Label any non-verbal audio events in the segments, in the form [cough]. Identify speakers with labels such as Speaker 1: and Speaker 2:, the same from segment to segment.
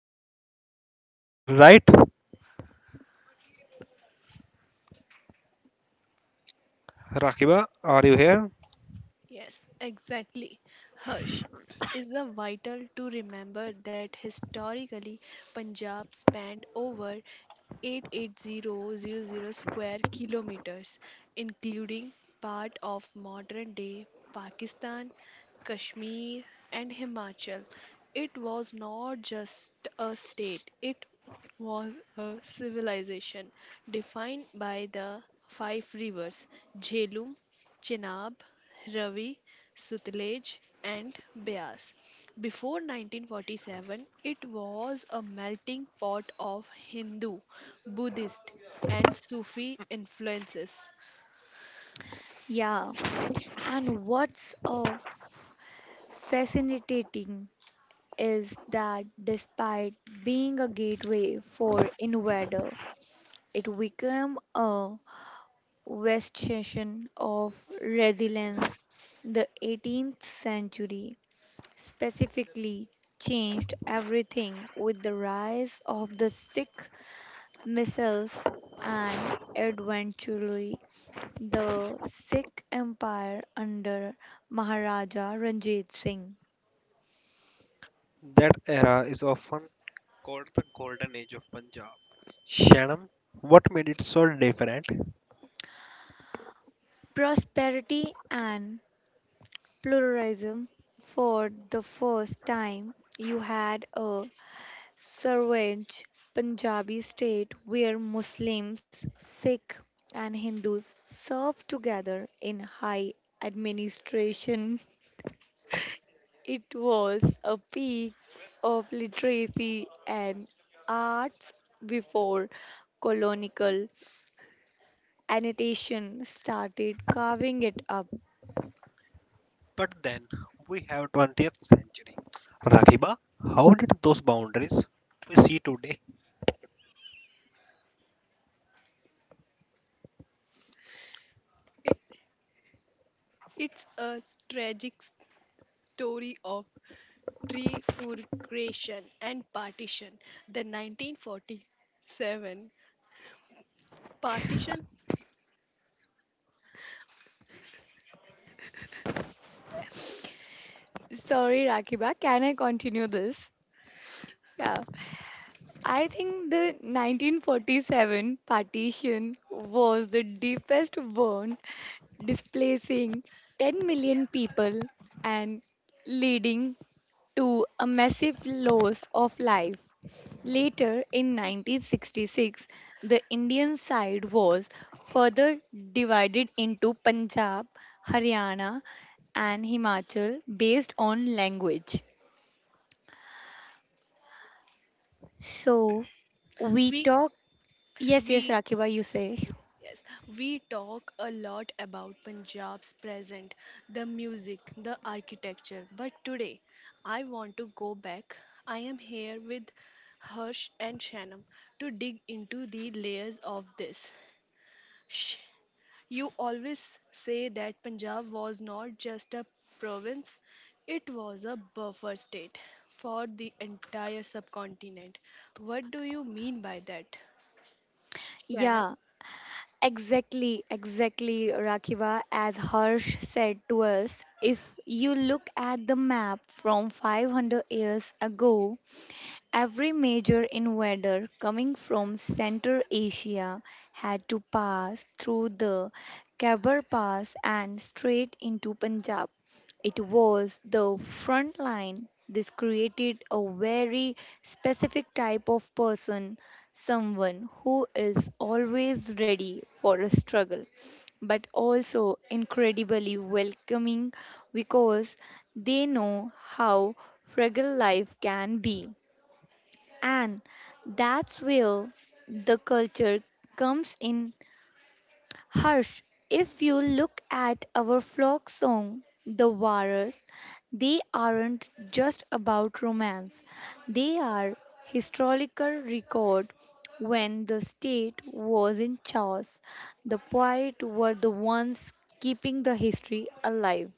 Speaker 1: Punjab was massive. Right? Rakiba, are you here?
Speaker 2: Yes, exactly. Harsh is the vital to remember that historically Punjab spanned over 880,000 square kilometers, including part of modern day Pakistan, Kashmir, and Himachal. It was not just a state, it was a civilization defined by the five rivers Jhelum. Chenab, Ravi, Sutlej, and Beas. Before 1947, it was a melting pot of Hindu, Buddhist, and Sufi influences.
Speaker 3: Yeah, and what's fascinating is that despite being a gateway for invader, it became a bastion of resilience. The 18th century specifically changed everything with the rise of the Sikh missiles and adventure. The Sikh Empire under Maharaja Ranjit Singh.
Speaker 1: That era is often called the Golden Age of Punjab. Shanam, what made it so different?
Speaker 3: Prosperity and pluralism. For the first time, you had a savage Punjabi state where Muslims, Sikh, and Hindus served together in high administration. [laughs] It was a peak of literacy and arts before colonial annotation started carving it up.
Speaker 1: But then we have 20th century. Rakiba, how did those boundaries we see today?
Speaker 2: It, it's a tragic story of trifurcation and partition. The 1947 partition,
Speaker 3: Sorry, Rakiba, can I continue this? Yeah. I think the 1947 partition was the deepest wound, displacing 10 million people and leading to a massive loss of life. Later in 1966, the Indian side was further divided into Punjab, Haryana, and Himachal based on language. So we
Speaker 2: we
Speaker 3: talk. Yes, yes,
Speaker 2: we
Speaker 3: Rakiba, you say.
Speaker 2: yes, we talk a lot about Punjab's present, the music, the architecture, but today I want to go back. I am here with Harsh and Shanam to dig into the layers of this. Shh, you always say that Punjab was not just a province, it was a buffer state for the entire subcontinent. What do you mean by that, Shanam?
Speaker 3: Yeah, exactly, exactly, Rakiba. As Harsh said to us, if you look at the map from 500 years ago, every major invader coming from Central Asia had to pass through the Khyber Pass and straight into Punjab. It was the front line. This created a very specific type of person, someone who is always ready for a struggle, but also incredibly welcoming because they know how fragile life can be. And that's where the culture comes in, harsh. If you look at our folk song, the Waras, they aren't just about romance. They are historical record when the state was in chaos. The poets were the ones keeping the history alive.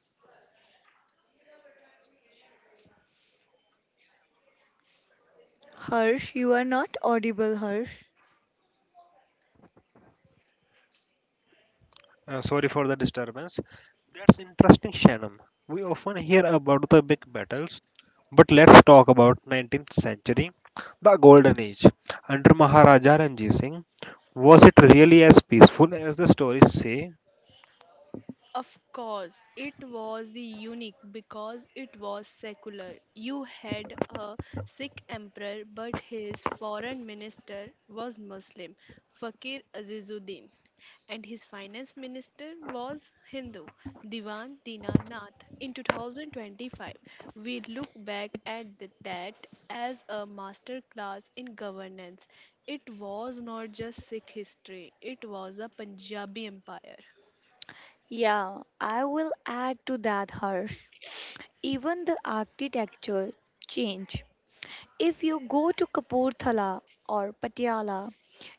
Speaker 3: Harsh, you are not audible, Harsh.
Speaker 1: Sorry for the disturbance. That's interesting, Shanam. We often hear about the big battles, but let's talk about 19th century, the Golden Age. Under Maharaja Ranjit Singh, was it really as peaceful as the stories say?
Speaker 2: Of course, it was the unique because it was secular. You had a Sikh emperor, but his foreign minister was Muslim, Fakir Azizuddin, and his finance minister was Hindu, Diwan Dinanath. In 2025, we look back at that as a master class in governance. It was not just Sikh history, it was a Punjabi empire.
Speaker 3: Yeah, I will add to that, Harsh. Even the architecture change. If you go to Kapurthala or Patiala,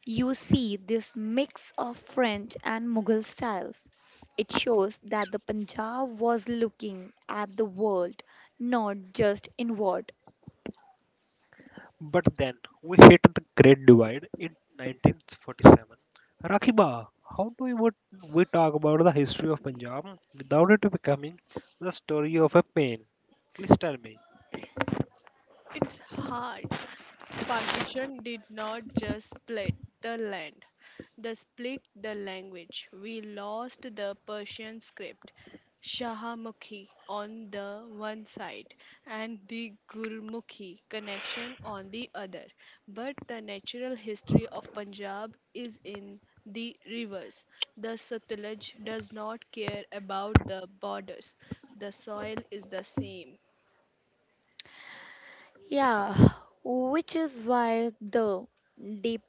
Speaker 3: you see this mix of French and Mughal styles. It shows that the Punjab was looking at the world, not just inward.
Speaker 1: But then we hit the Great Divide in 1947. Rakiba, how do we, would we talk about the history of Punjab without it becoming the story of a pain? Please tell me.
Speaker 2: It's hard. Partition did not just split the land, they split the language. We lost the Persian script, Shahamukhi on the one side and the Gurmukhi connection on the other. But the natural history of Punjab is in the reverse. The Satluj does not care about the borders. The soil is the same.
Speaker 3: Yeah, which is why the deep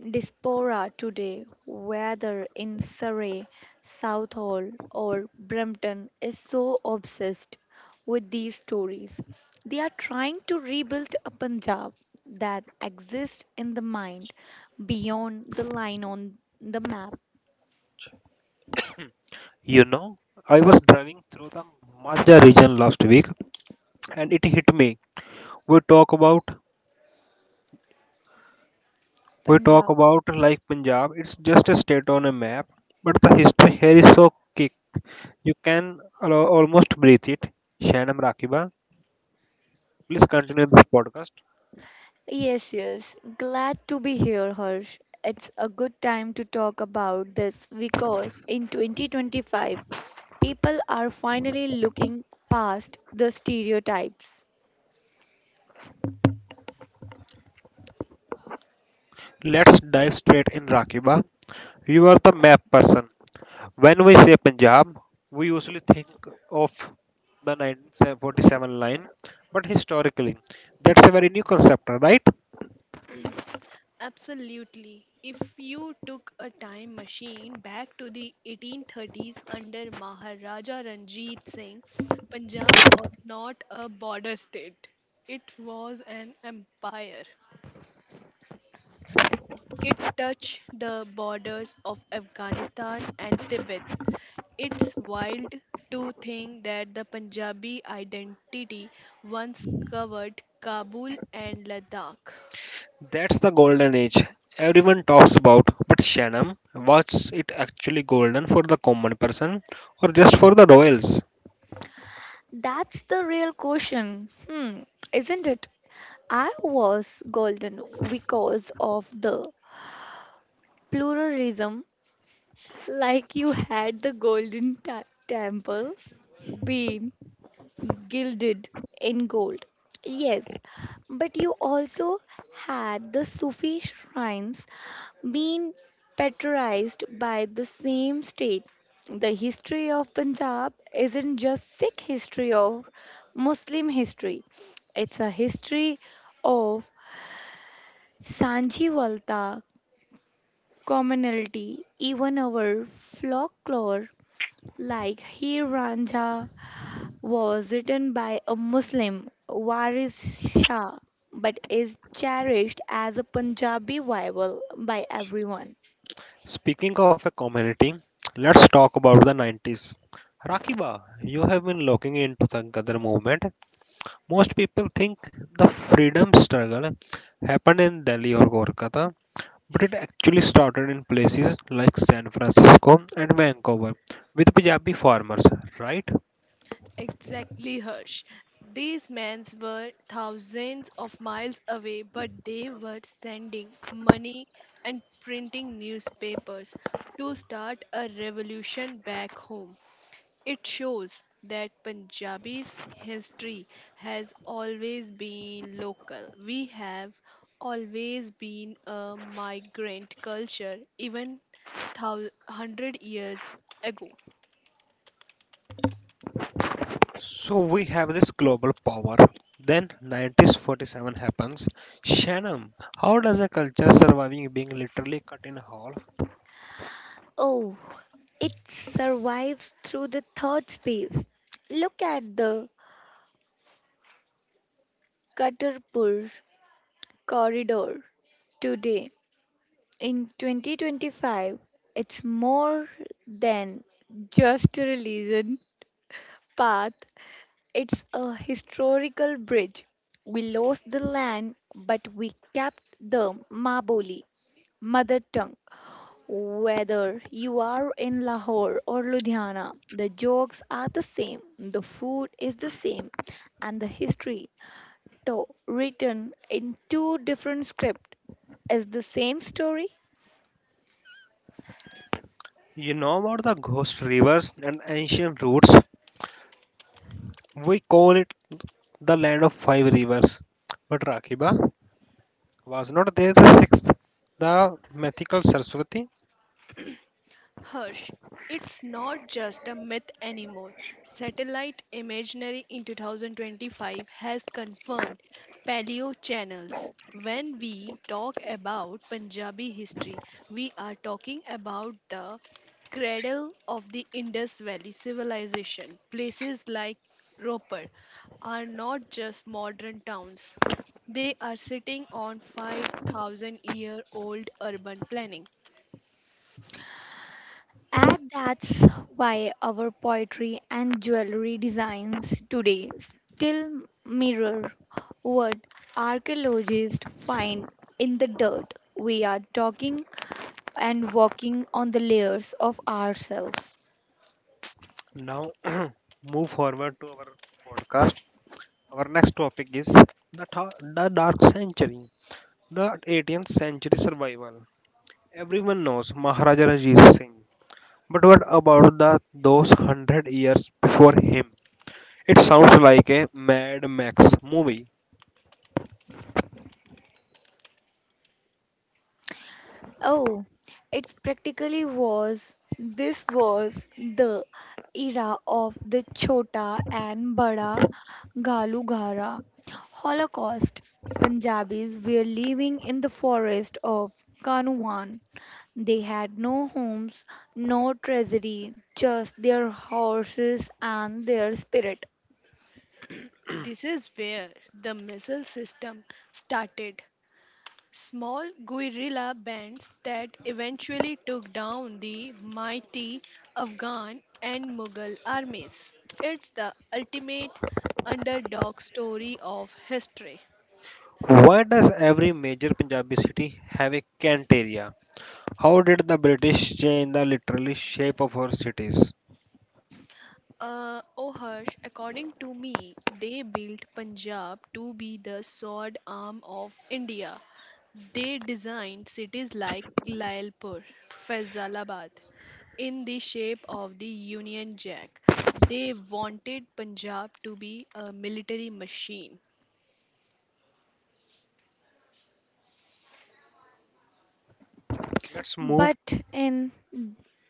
Speaker 3: diaspora today, whether in Surrey, Southall, or Brampton, is so obsessed with these stories. They are trying to rebuild a Punjab that exists in the mind beyond the line on the map.
Speaker 1: You know, I was driving through the Majda region last week and it hit me. We talk about we talk
Speaker 3: Punjab.
Speaker 1: about like Punjab, it's just a state on a map, but the history here is so kick. You can almost breathe it. Shanam Rakiba, please continue this podcast.
Speaker 3: Yes, yes. Glad to be here, Harsh. It's a good time to talk about this because in 2025, people are finally looking past the stereotypes.
Speaker 1: Let's dive straight in, Rakiba. You are the map person. When we say Punjab, we usually think of the 1947 line, but historically, that's a very new concept, right?
Speaker 2: Absolutely. If you took a time machine back to the 1830s under Maharaja Ranjit Singh, Punjab was not a border state. It was an empire. It touched the borders of Afghanistan and Tibet. It's wild to think that the Punjabi identity once covered Kabul and Ladakh.
Speaker 1: That's the golden age everyone talks about. But Shanam, was it actually golden for the common person or just for the royals?
Speaker 3: That's the real question, hmm, isn't it? I was golden because of the pluralism, like you had the golden temple, bean, gilded in gold. Yes, but you also had the Sufi shrines being patronized by the same state. The history of Punjab isn't just Sikh history or Muslim history, it's a history of Sanjivalta, commonality, even our folklore like Hi Ranja was written by a Muslim, Waris Shah, but is cherished as a Punjabi Bible by everyone.
Speaker 1: Speaking of a community, let's talk about the 90s. Rakiba, you have been looking into the Gadar movement. Most people think the freedom struggle happened in Delhi or Kolkata, but it actually started in places like San Francisco and Vancouver with Punjabi farmers, right?
Speaker 2: Exactly, Harsh. These men were thousands of miles away, but they were sending money and printing newspapers to start a revolution back home. It shows that Punjabi's history has always been local. We have always been a migrant culture, even 100 years ago.
Speaker 1: So we have this global power. Then 1947 happens. Shannon, how does a culture surviving being literally cut in half?
Speaker 3: Oh, it survives through the third space. Look at the Katarpur corridor today. In 2025, it's more than just a religion path. It's a historical bridge. We lost the land, but we kept the Maboli, mother tongue. Whether you are in Lahore or Ludhiana, the jokes are the same, the food is the same, and the history, though written in two different scripts, is the same story.
Speaker 1: You know about the ghost rivers and ancient routes? We call it the land of five rivers. But Rakiba? Was not there the sixth, the mythical Saraswati?
Speaker 2: Hush, it's not just a myth anymore. Satellite imagery in 2025 has confirmed paleo channels. When we talk about Punjabi history, we are talking about the cradle of the Indus Valley civilization. Places like Roper are not just modern towns. They are sitting on 5,000 year old urban planning.
Speaker 3: And that's why our poetry and jewelry designs today still mirror what archaeologists find in the dirt. We are talking and walking on the layers of ourselves.
Speaker 1: Now, [clears throat] move forward to our podcast. Our next topic is the Dark Century, the 18th century survival. Everyone knows Maharaja Ranjit Singh, but what about the those hundred years before him? It sounds like a Mad Max movie.
Speaker 3: Oh, it's practically was this was the era of the Chota and Bada Galughara Holocaust. Punjabis were living in the forest of Kanwan. They had no homes, no treasury, just their horses and their spirit.
Speaker 2: This is where the missile system started. Small guerrilla bands that eventually took down the mighty Afghan and Mughal armies. It's the ultimate underdog story of history.
Speaker 1: Why does every major Punjabi city have a cant area? How did the British change the literally shape of our cities?
Speaker 2: Oh Harsh, according to me, they built Punjab to be the sword arm of India. They designed cities like Lailpur, Faisalabad, in the shape of the Union Jack. They wanted Punjab to be a military machine.
Speaker 1: Let's move.
Speaker 3: But in,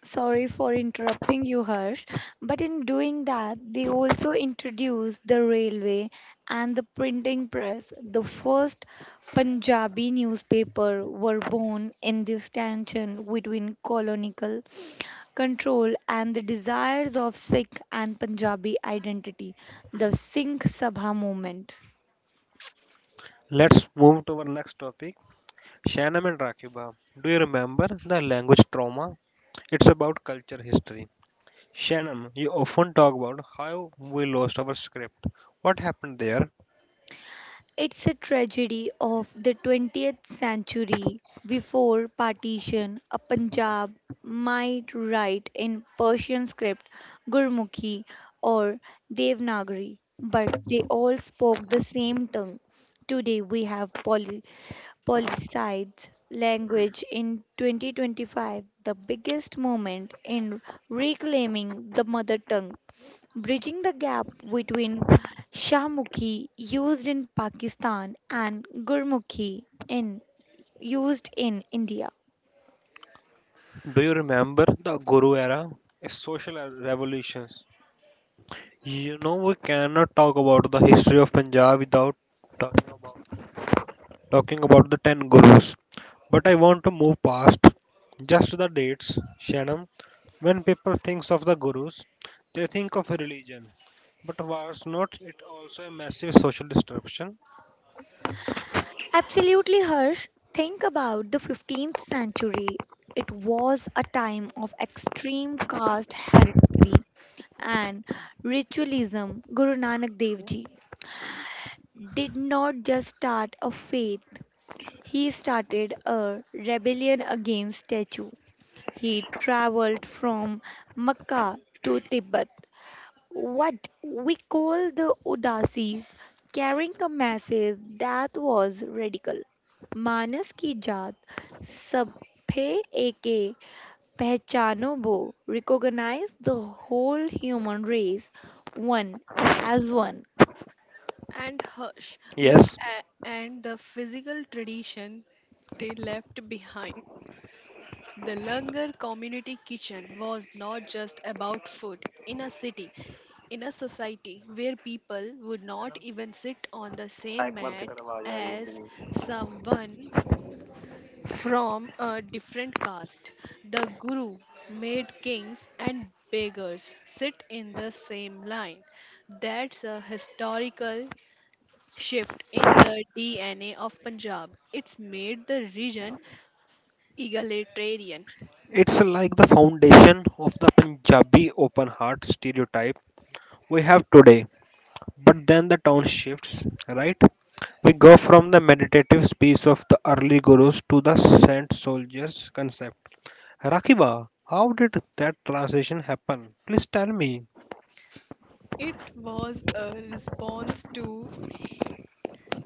Speaker 3: sorry for interrupting you, Harsh, but in doing that, they also introduced the railway and the printing press. The first Punjabi newspaper were born in this tension between colonial control and the desires of Sikh and Punjabi identity, the Singh Sabha movement.
Speaker 1: Let's move to our next topic. Shanam and Rakiba. Do you remember the language trauma? It's about culture history. Shanam, you often talk about how we lost our script. What happened there?
Speaker 3: It's a tragedy of the 20th century. Before partition, a Punjab might write in Persian script, Gurmukhi or Devanagari, but they all spoke the same tongue. Today we have politicized language in 2025, the biggest moment in reclaiming the mother tongue bridging the gap between Shahmukhi used in Pakistan and Gurmukhi in used in India.
Speaker 1: Do you remember the Guru era? Social revolutions. You know we cannot talk about the history of Punjab without talking about talking about the 10 gurus. But I want to move past just the dates, Shannon. When people think of the gurus, they think of a religion. But was not it also a massive social disruption?
Speaker 3: Absolutely, Harsh. Think about the 15th century. It was a time of extreme caste hierarchy and ritualism. Guru Nanak Dev Ji did not just start a faith, he started a rebellion against statue. He traveled from Mecca to Tibet, what we call the Udasis, carrying a message that was radical. मानस की जात सब पे एके पहचानो वो recognize the whole human race one as one.
Speaker 2: And Harsh, look
Speaker 1: Yes,
Speaker 2: at and the physical tradition they left behind. The Langar community kitchen was not just about food in a city, in a society where people would not even sit on the same mat as someone from a different caste. The guru made kings and beggars sit in the same line. That's a historical shift in the DNA of Punjab. It's made the region egalitarian.
Speaker 1: it's like the foundation of the Punjabi open heart stereotype we have today. But then the tone shifts, right? We go from the meditative space of the early gurus to the saint soldiers concept. Rakiba, how did that transition happen? Please tell me.
Speaker 2: It was a response to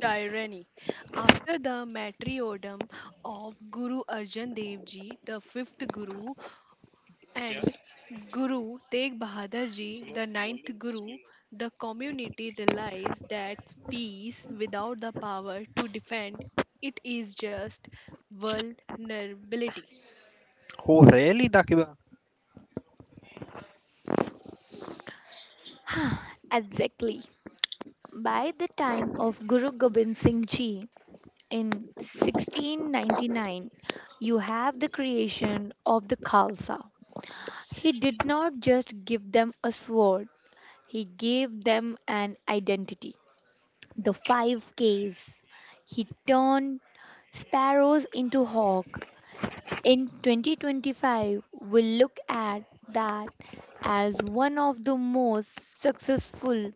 Speaker 2: tyranny. After the martyrdom of Guru Arjan Dev Ji, the fifth Guru, and Guru Tegh Bahadur Ji, the ninth Guru, the community realized that peace without the power to defend it is just vulnerability.
Speaker 1: Oh, really, Rakiba?
Speaker 3: [sighs] Exactly. By the time of Guru Gobind Singh Ji in 1699, you have the creation of the Khalsa. He did not just give them a sword, he gave them an identity. The five Ks. He turned sparrows into hawk. In 2025, we'll look at that as one of the most successful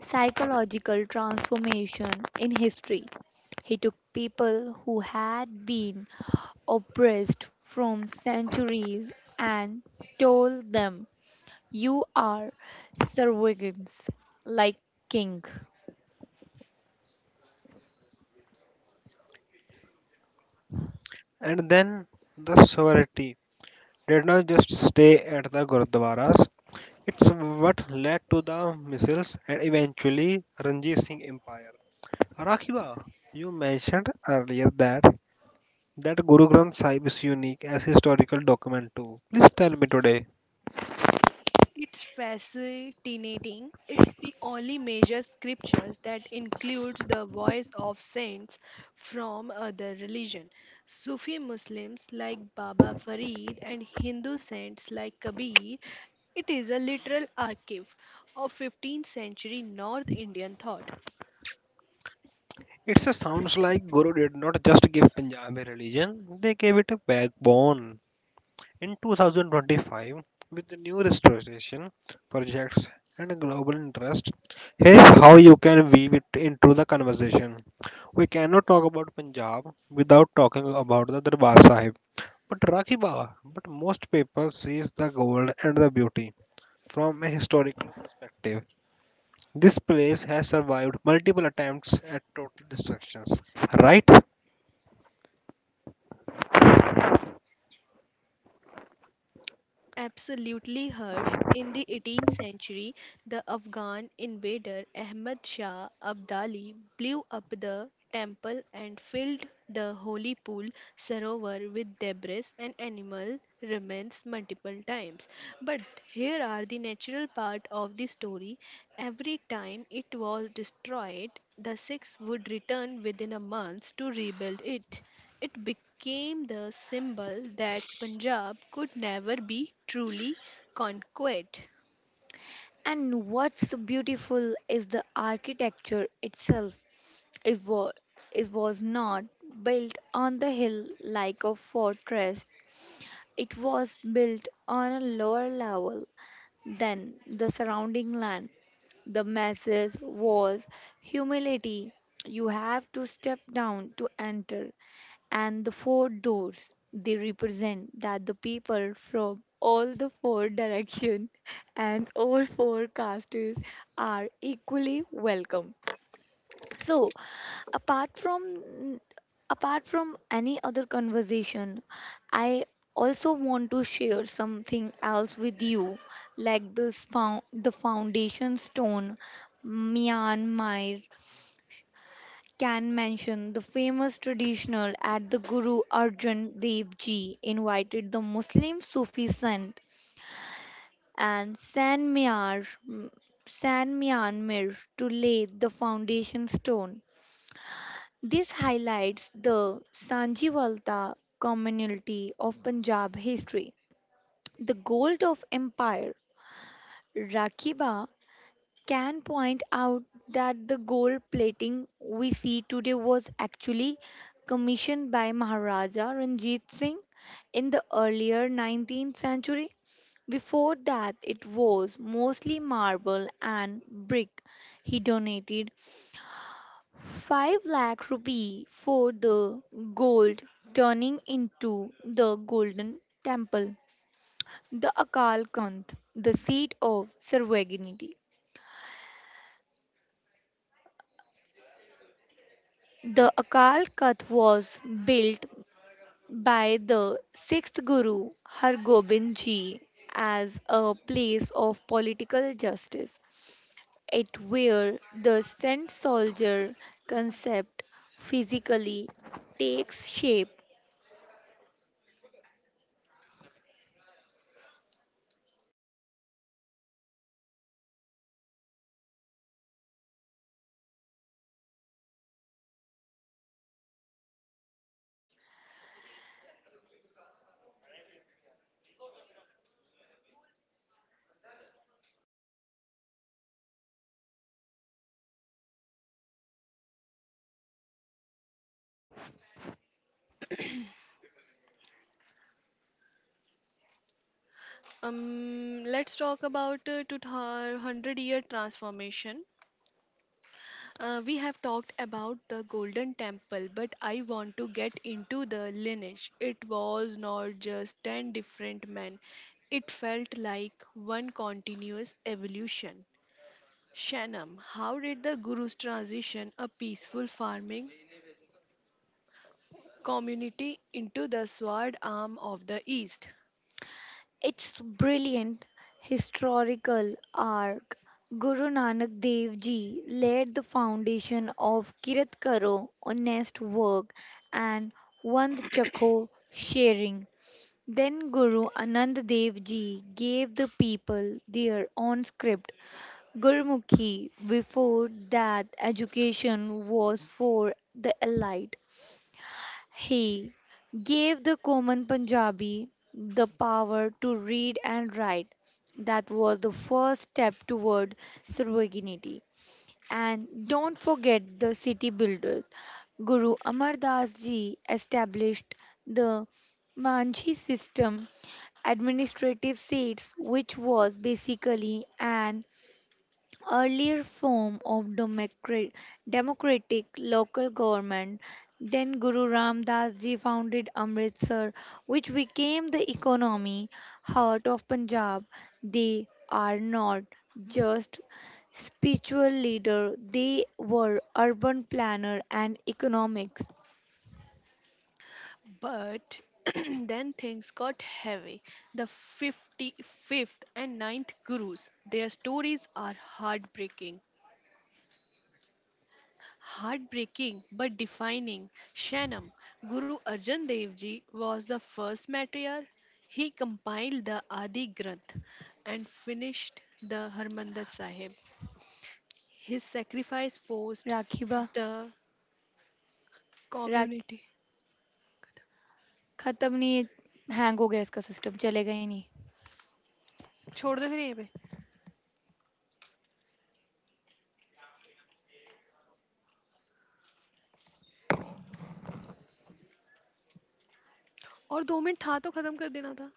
Speaker 3: psychological transformation in history. He took people who had been oppressed from centuries and told them, You are servants like king.
Speaker 1: And then the sorority did not just stay at the Gurdwaras. It's what led to the missiles and eventually Ranjit Singh Empire. Rakiba, you mentioned earlier that Guru Granth Sahib is unique as historical document too. Please tell me today.
Speaker 2: It's fascinating. It's the only major scriptures that includes the voice of saints from other religion. Sufi Muslims like Baba Farid and Hindu saints like Kabir. It is a literal archive of 15th century North Indian thought.
Speaker 1: It sounds like Guru did not just give Punjab a religion; they gave it a backbone. In 2025, with the new restoration projects and global interest, here's how you can weave it into the conversation. We cannot talk about Punjab without talking about the Darbar Sahib. But Rakhi Baba, but most people sees the gold and the beauty from a historical perspective. This place has survived multiple attempts at total destructions, right?
Speaker 2: Absolutely, Harsh. In the 18th century, the Afghan invader Ahmad Shah Abdali blew up the temple and filled the holy pool Sarovar with debris and animal remains multiple times. But here are the natural part of the story. Every time it was destroyed, the Sikhs would return within a month to rebuild it. It became the symbol that Punjab could never be truly conquered.
Speaker 3: And what's beautiful is the architecture itself. It was, it was not built on the hill like a fortress. It was built on a lower level than the surrounding land. The message was humility. You have to step down to enter. And the four doors, they represent that the people from all the four directions [laughs] and all four castes are equally welcome. So, apart from apart from any other conversation, I also want to share something else with you. Like this the foundation stone, Myanmar can mention the famous traditional at the Guru Arjan Dev Ji invited the Muslim Sufi saint and San Myanmar to lay the foundation stone. This highlights the Sanjivalta community of Punjab history, the gold of empire. Rakiba can point out that the gold plating we see today was actually commissioned by Maharaja Ranjit Singh in the earlier 19th century. Before that, it was mostly marble and brick. He donated 5 lakh rupee for the gold turning into the golden temple. The Akal Kanth, the seat of Sarvagnini. The Akal Kanth was built by the sixth Guru Hargobind Ji as a place of political justice. It where the saint
Speaker 2: थोड़ा सा-
Speaker 3: soldier concept physically takes shape.
Speaker 2: Let's talk about 200-year transformation. We have talked about the Golden Temple, but I want to get into the lineage. It was not just 10 different men, it felt like one continuous evolution. Shanam, how did the Guru's transition a peaceful farming community into the sword arm of the East?
Speaker 3: It's brilliant historical arc. Guru Nanak Dev Ji laid the foundation of Kirat Karo, honest work, and Vand Chakho sharing. Then Guru Anand Dev Ji gave the people their own script, Gurmukhi. Before that, education was for the elite. He gave the common Punjabi the power to read and write. That was the first step toward sovereignty. And don't forget the city builders. Guru Amar Das ji established the Manji system, administrative seats, which was basically an earlier form of democratic local government. Then Guru Ram Das Ji founded Amritsar, which became the economy heart of Punjab. They are not just spiritual leader; they were urban planner and economics.
Speaker 2: But [clears throat] then things got heavy. The 55th and ninth Gurus, their stories are heartbreaking. Heartbreaking but defining. Shanam, Guru Arjan Dev Ji was the first matriarch. He compiled the Adi Granth and finished the Harmandir Sahib. His sacrifice forced
Speaker 3: राखीबा
Speaker 2: the
Speaker 3: राख
Speaker 2: community.
Speaker 3: खत्म नहीं hang हो गया इसका system चलेगा ही नहीं.
Speaker 2: छोड़ दे फिर यहीं पे और दो मिनट था तो खत्म कर देना था.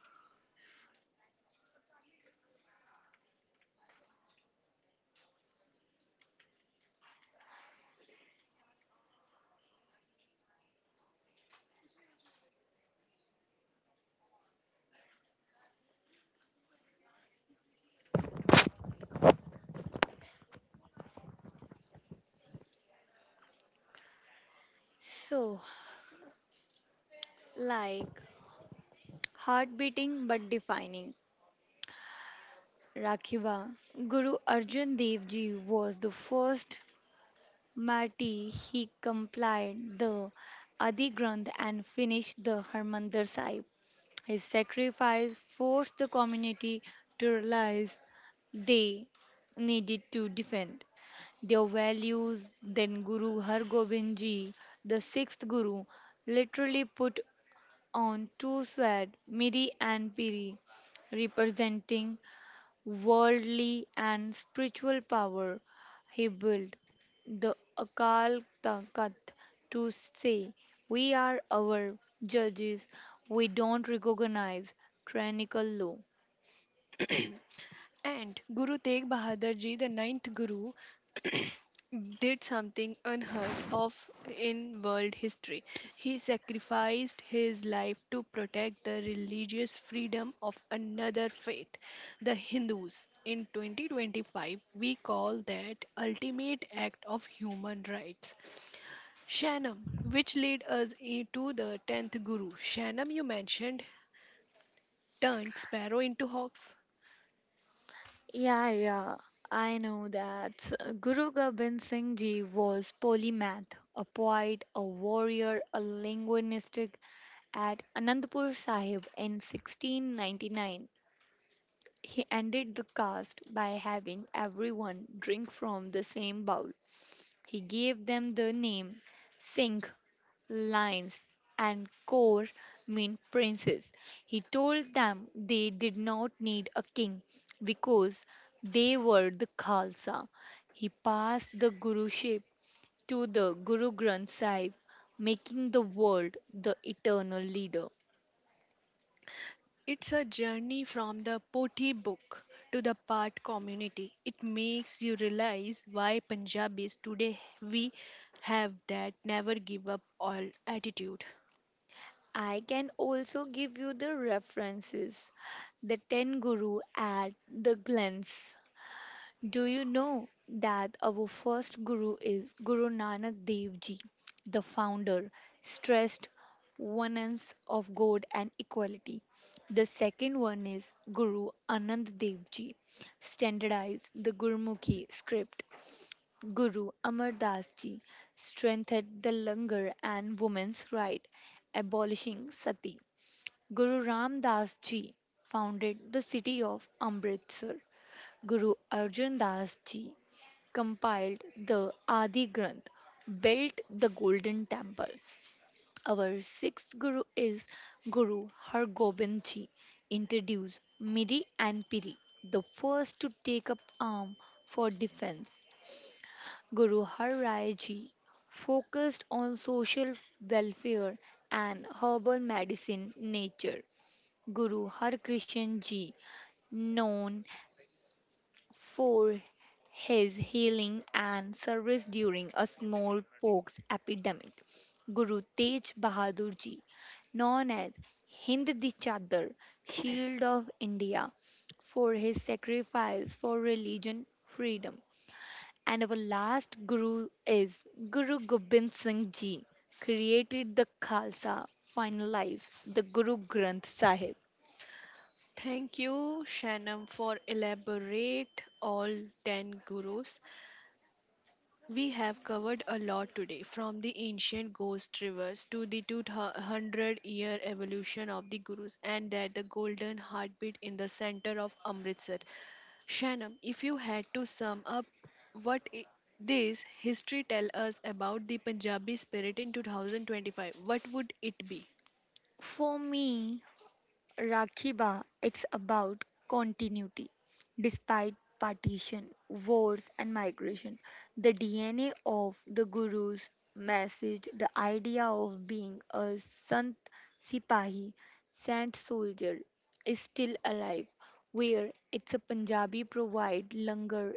Speaker 3: So, like, heart beating but defining. Rakhiba. Guru Arjan Dev Ji was the first martyr. He complied the Adi Granth and finished the Harmandir Sahib. His sacrifice forced the community to realize they needed to defend their values. Then Guru Har Gobind Ji, the sixth Guru, literally put on two swords, Miri and Piri, representing worldly and spiritual power. He built the Akal Takat to say, We are our judges, we don't recognize tyrannical law.
Speaker 2: And Guru Tegh Bahadur ji, the ninth Guru, [clears throat] did something unheard of in world history. He sacrificed his life to protect the religious freedom of another faith, the Hindus. In 2025, we call that ultimate act of human rights. Shanam, which led us into the 10th Guru. Shanam, you mentioned, turned sparrow into hawks.
Speaker 3: Yeah, yeah, I know that. Guru Gobind Singh Ji was polymath, a poet, a warrior, a linguistic at Anandpur Sahib in 1699. He ended the cast by having everyone drink from the same bowl. He gave them the name Singh, Lions, and Kaur mean princes. He told them they did not need a king because they were the Khalsa. He passed the Guruship to the Guru Granth Sahib, making the world the eternal leader.
Speaker 2: It's a journey from the Pothi book to the Paath community. It makes you realize why Punjabis today we have that never give up all attitude.
Speaker 3: I can also give you the references. The Ten Guru at the glance. Do you know that our first Guru is Guru Nanak Dev Ji, the founder, stressed oneness of God and equality. The second one is Guru Anand Dev Ji, standardized the Gurmukhi script. Guru Amar Das Ji strengthened the langar and women's right, abolishing sati. Guru Ram Das ji founded the city of Amritsar. Guru Arjan Das ji compiled the Adi Granth, built the Golden Temple. Our sixth Guru is Guru Har Gobind ji, introduced Miri and Piri, the first to take up arm for defense. Guru Har Rai ji focused on social welfare and herbal medicine nature. Guru Harkrishan Ji, known for his healing and service during a smallpox epidemic. Guru Tej Bahadur Ji, known as Hind the Chadar, Shield of India, for his sacrifice for religion freedom. And our last Guru is Guru Gobind Singh Ji, created the Khalsa, finalized the Guru Granth Sahib.
Speaker 2: Thank you, Shanam, for elaborate all 10 gurus. We have covered a lot today, from the ancient ghost rivers to the 200-year evolution of the gurus, and that the golden heartbeat in the center of Amritsar. Shannon, if you had to sum up what this history tell us about the Punjabi spirit in 2025, what would it be?
Speaker 3: For me, Rakhi Ba, it's about continuity. Despite partition, wars, and migration, the DNA of the Guru's message, the idea of being a Sant Sipahi, sant Soldier, is still alive. Where it's a Punjabi provide langar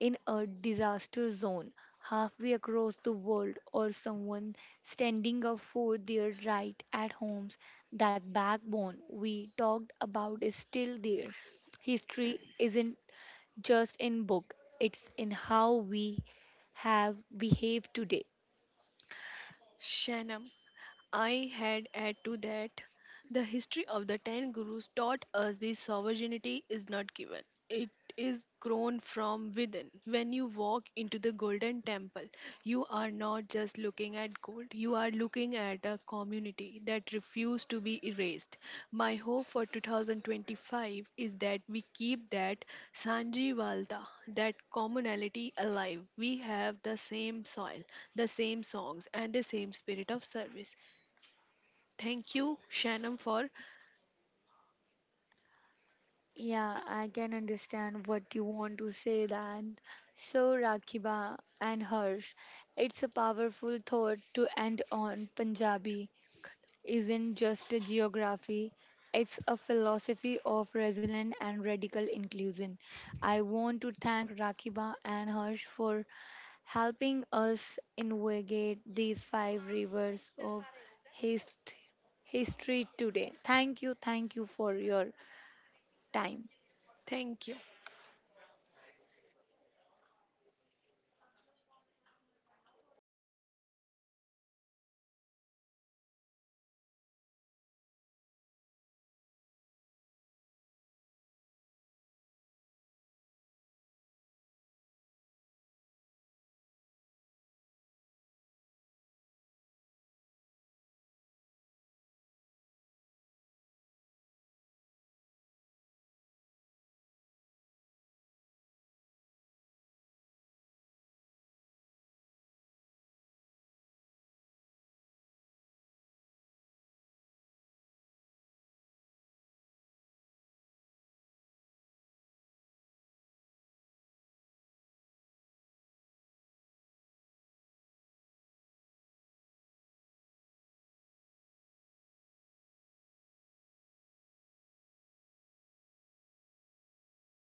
Speaker 3: in a disaster zone halfway across the world or someone standing up for their right at homes, that backbone we talked about is still there. History isn't just in book, it's in how we have behaved today.
Speaker 2: Shannon, I had add to that the history of the 10 gurus taught us this sovereignty is not given. It is grown from within. When you walk into the golden temple, you are not just looking at gold, you are looking at a community that refused to be erased. My hope for 2025 is that we keep that Sanjivalta, that commonality alive. We have the same soil, the same songs, and the same spirit of service. Thank you, Shannon, for
Speaker 3: Yeah, I can understand what you want to say that. So, Rakiba and Harsh, it's a powerful thought to end on Punjabi isn't just a geography, it's a philosophy of resilient and radical inclusion. I want to thank Rakiba and Harsh for helping us navigate these five rivers of hist- history today. Thank you for your time.
Speaker 2: thank you.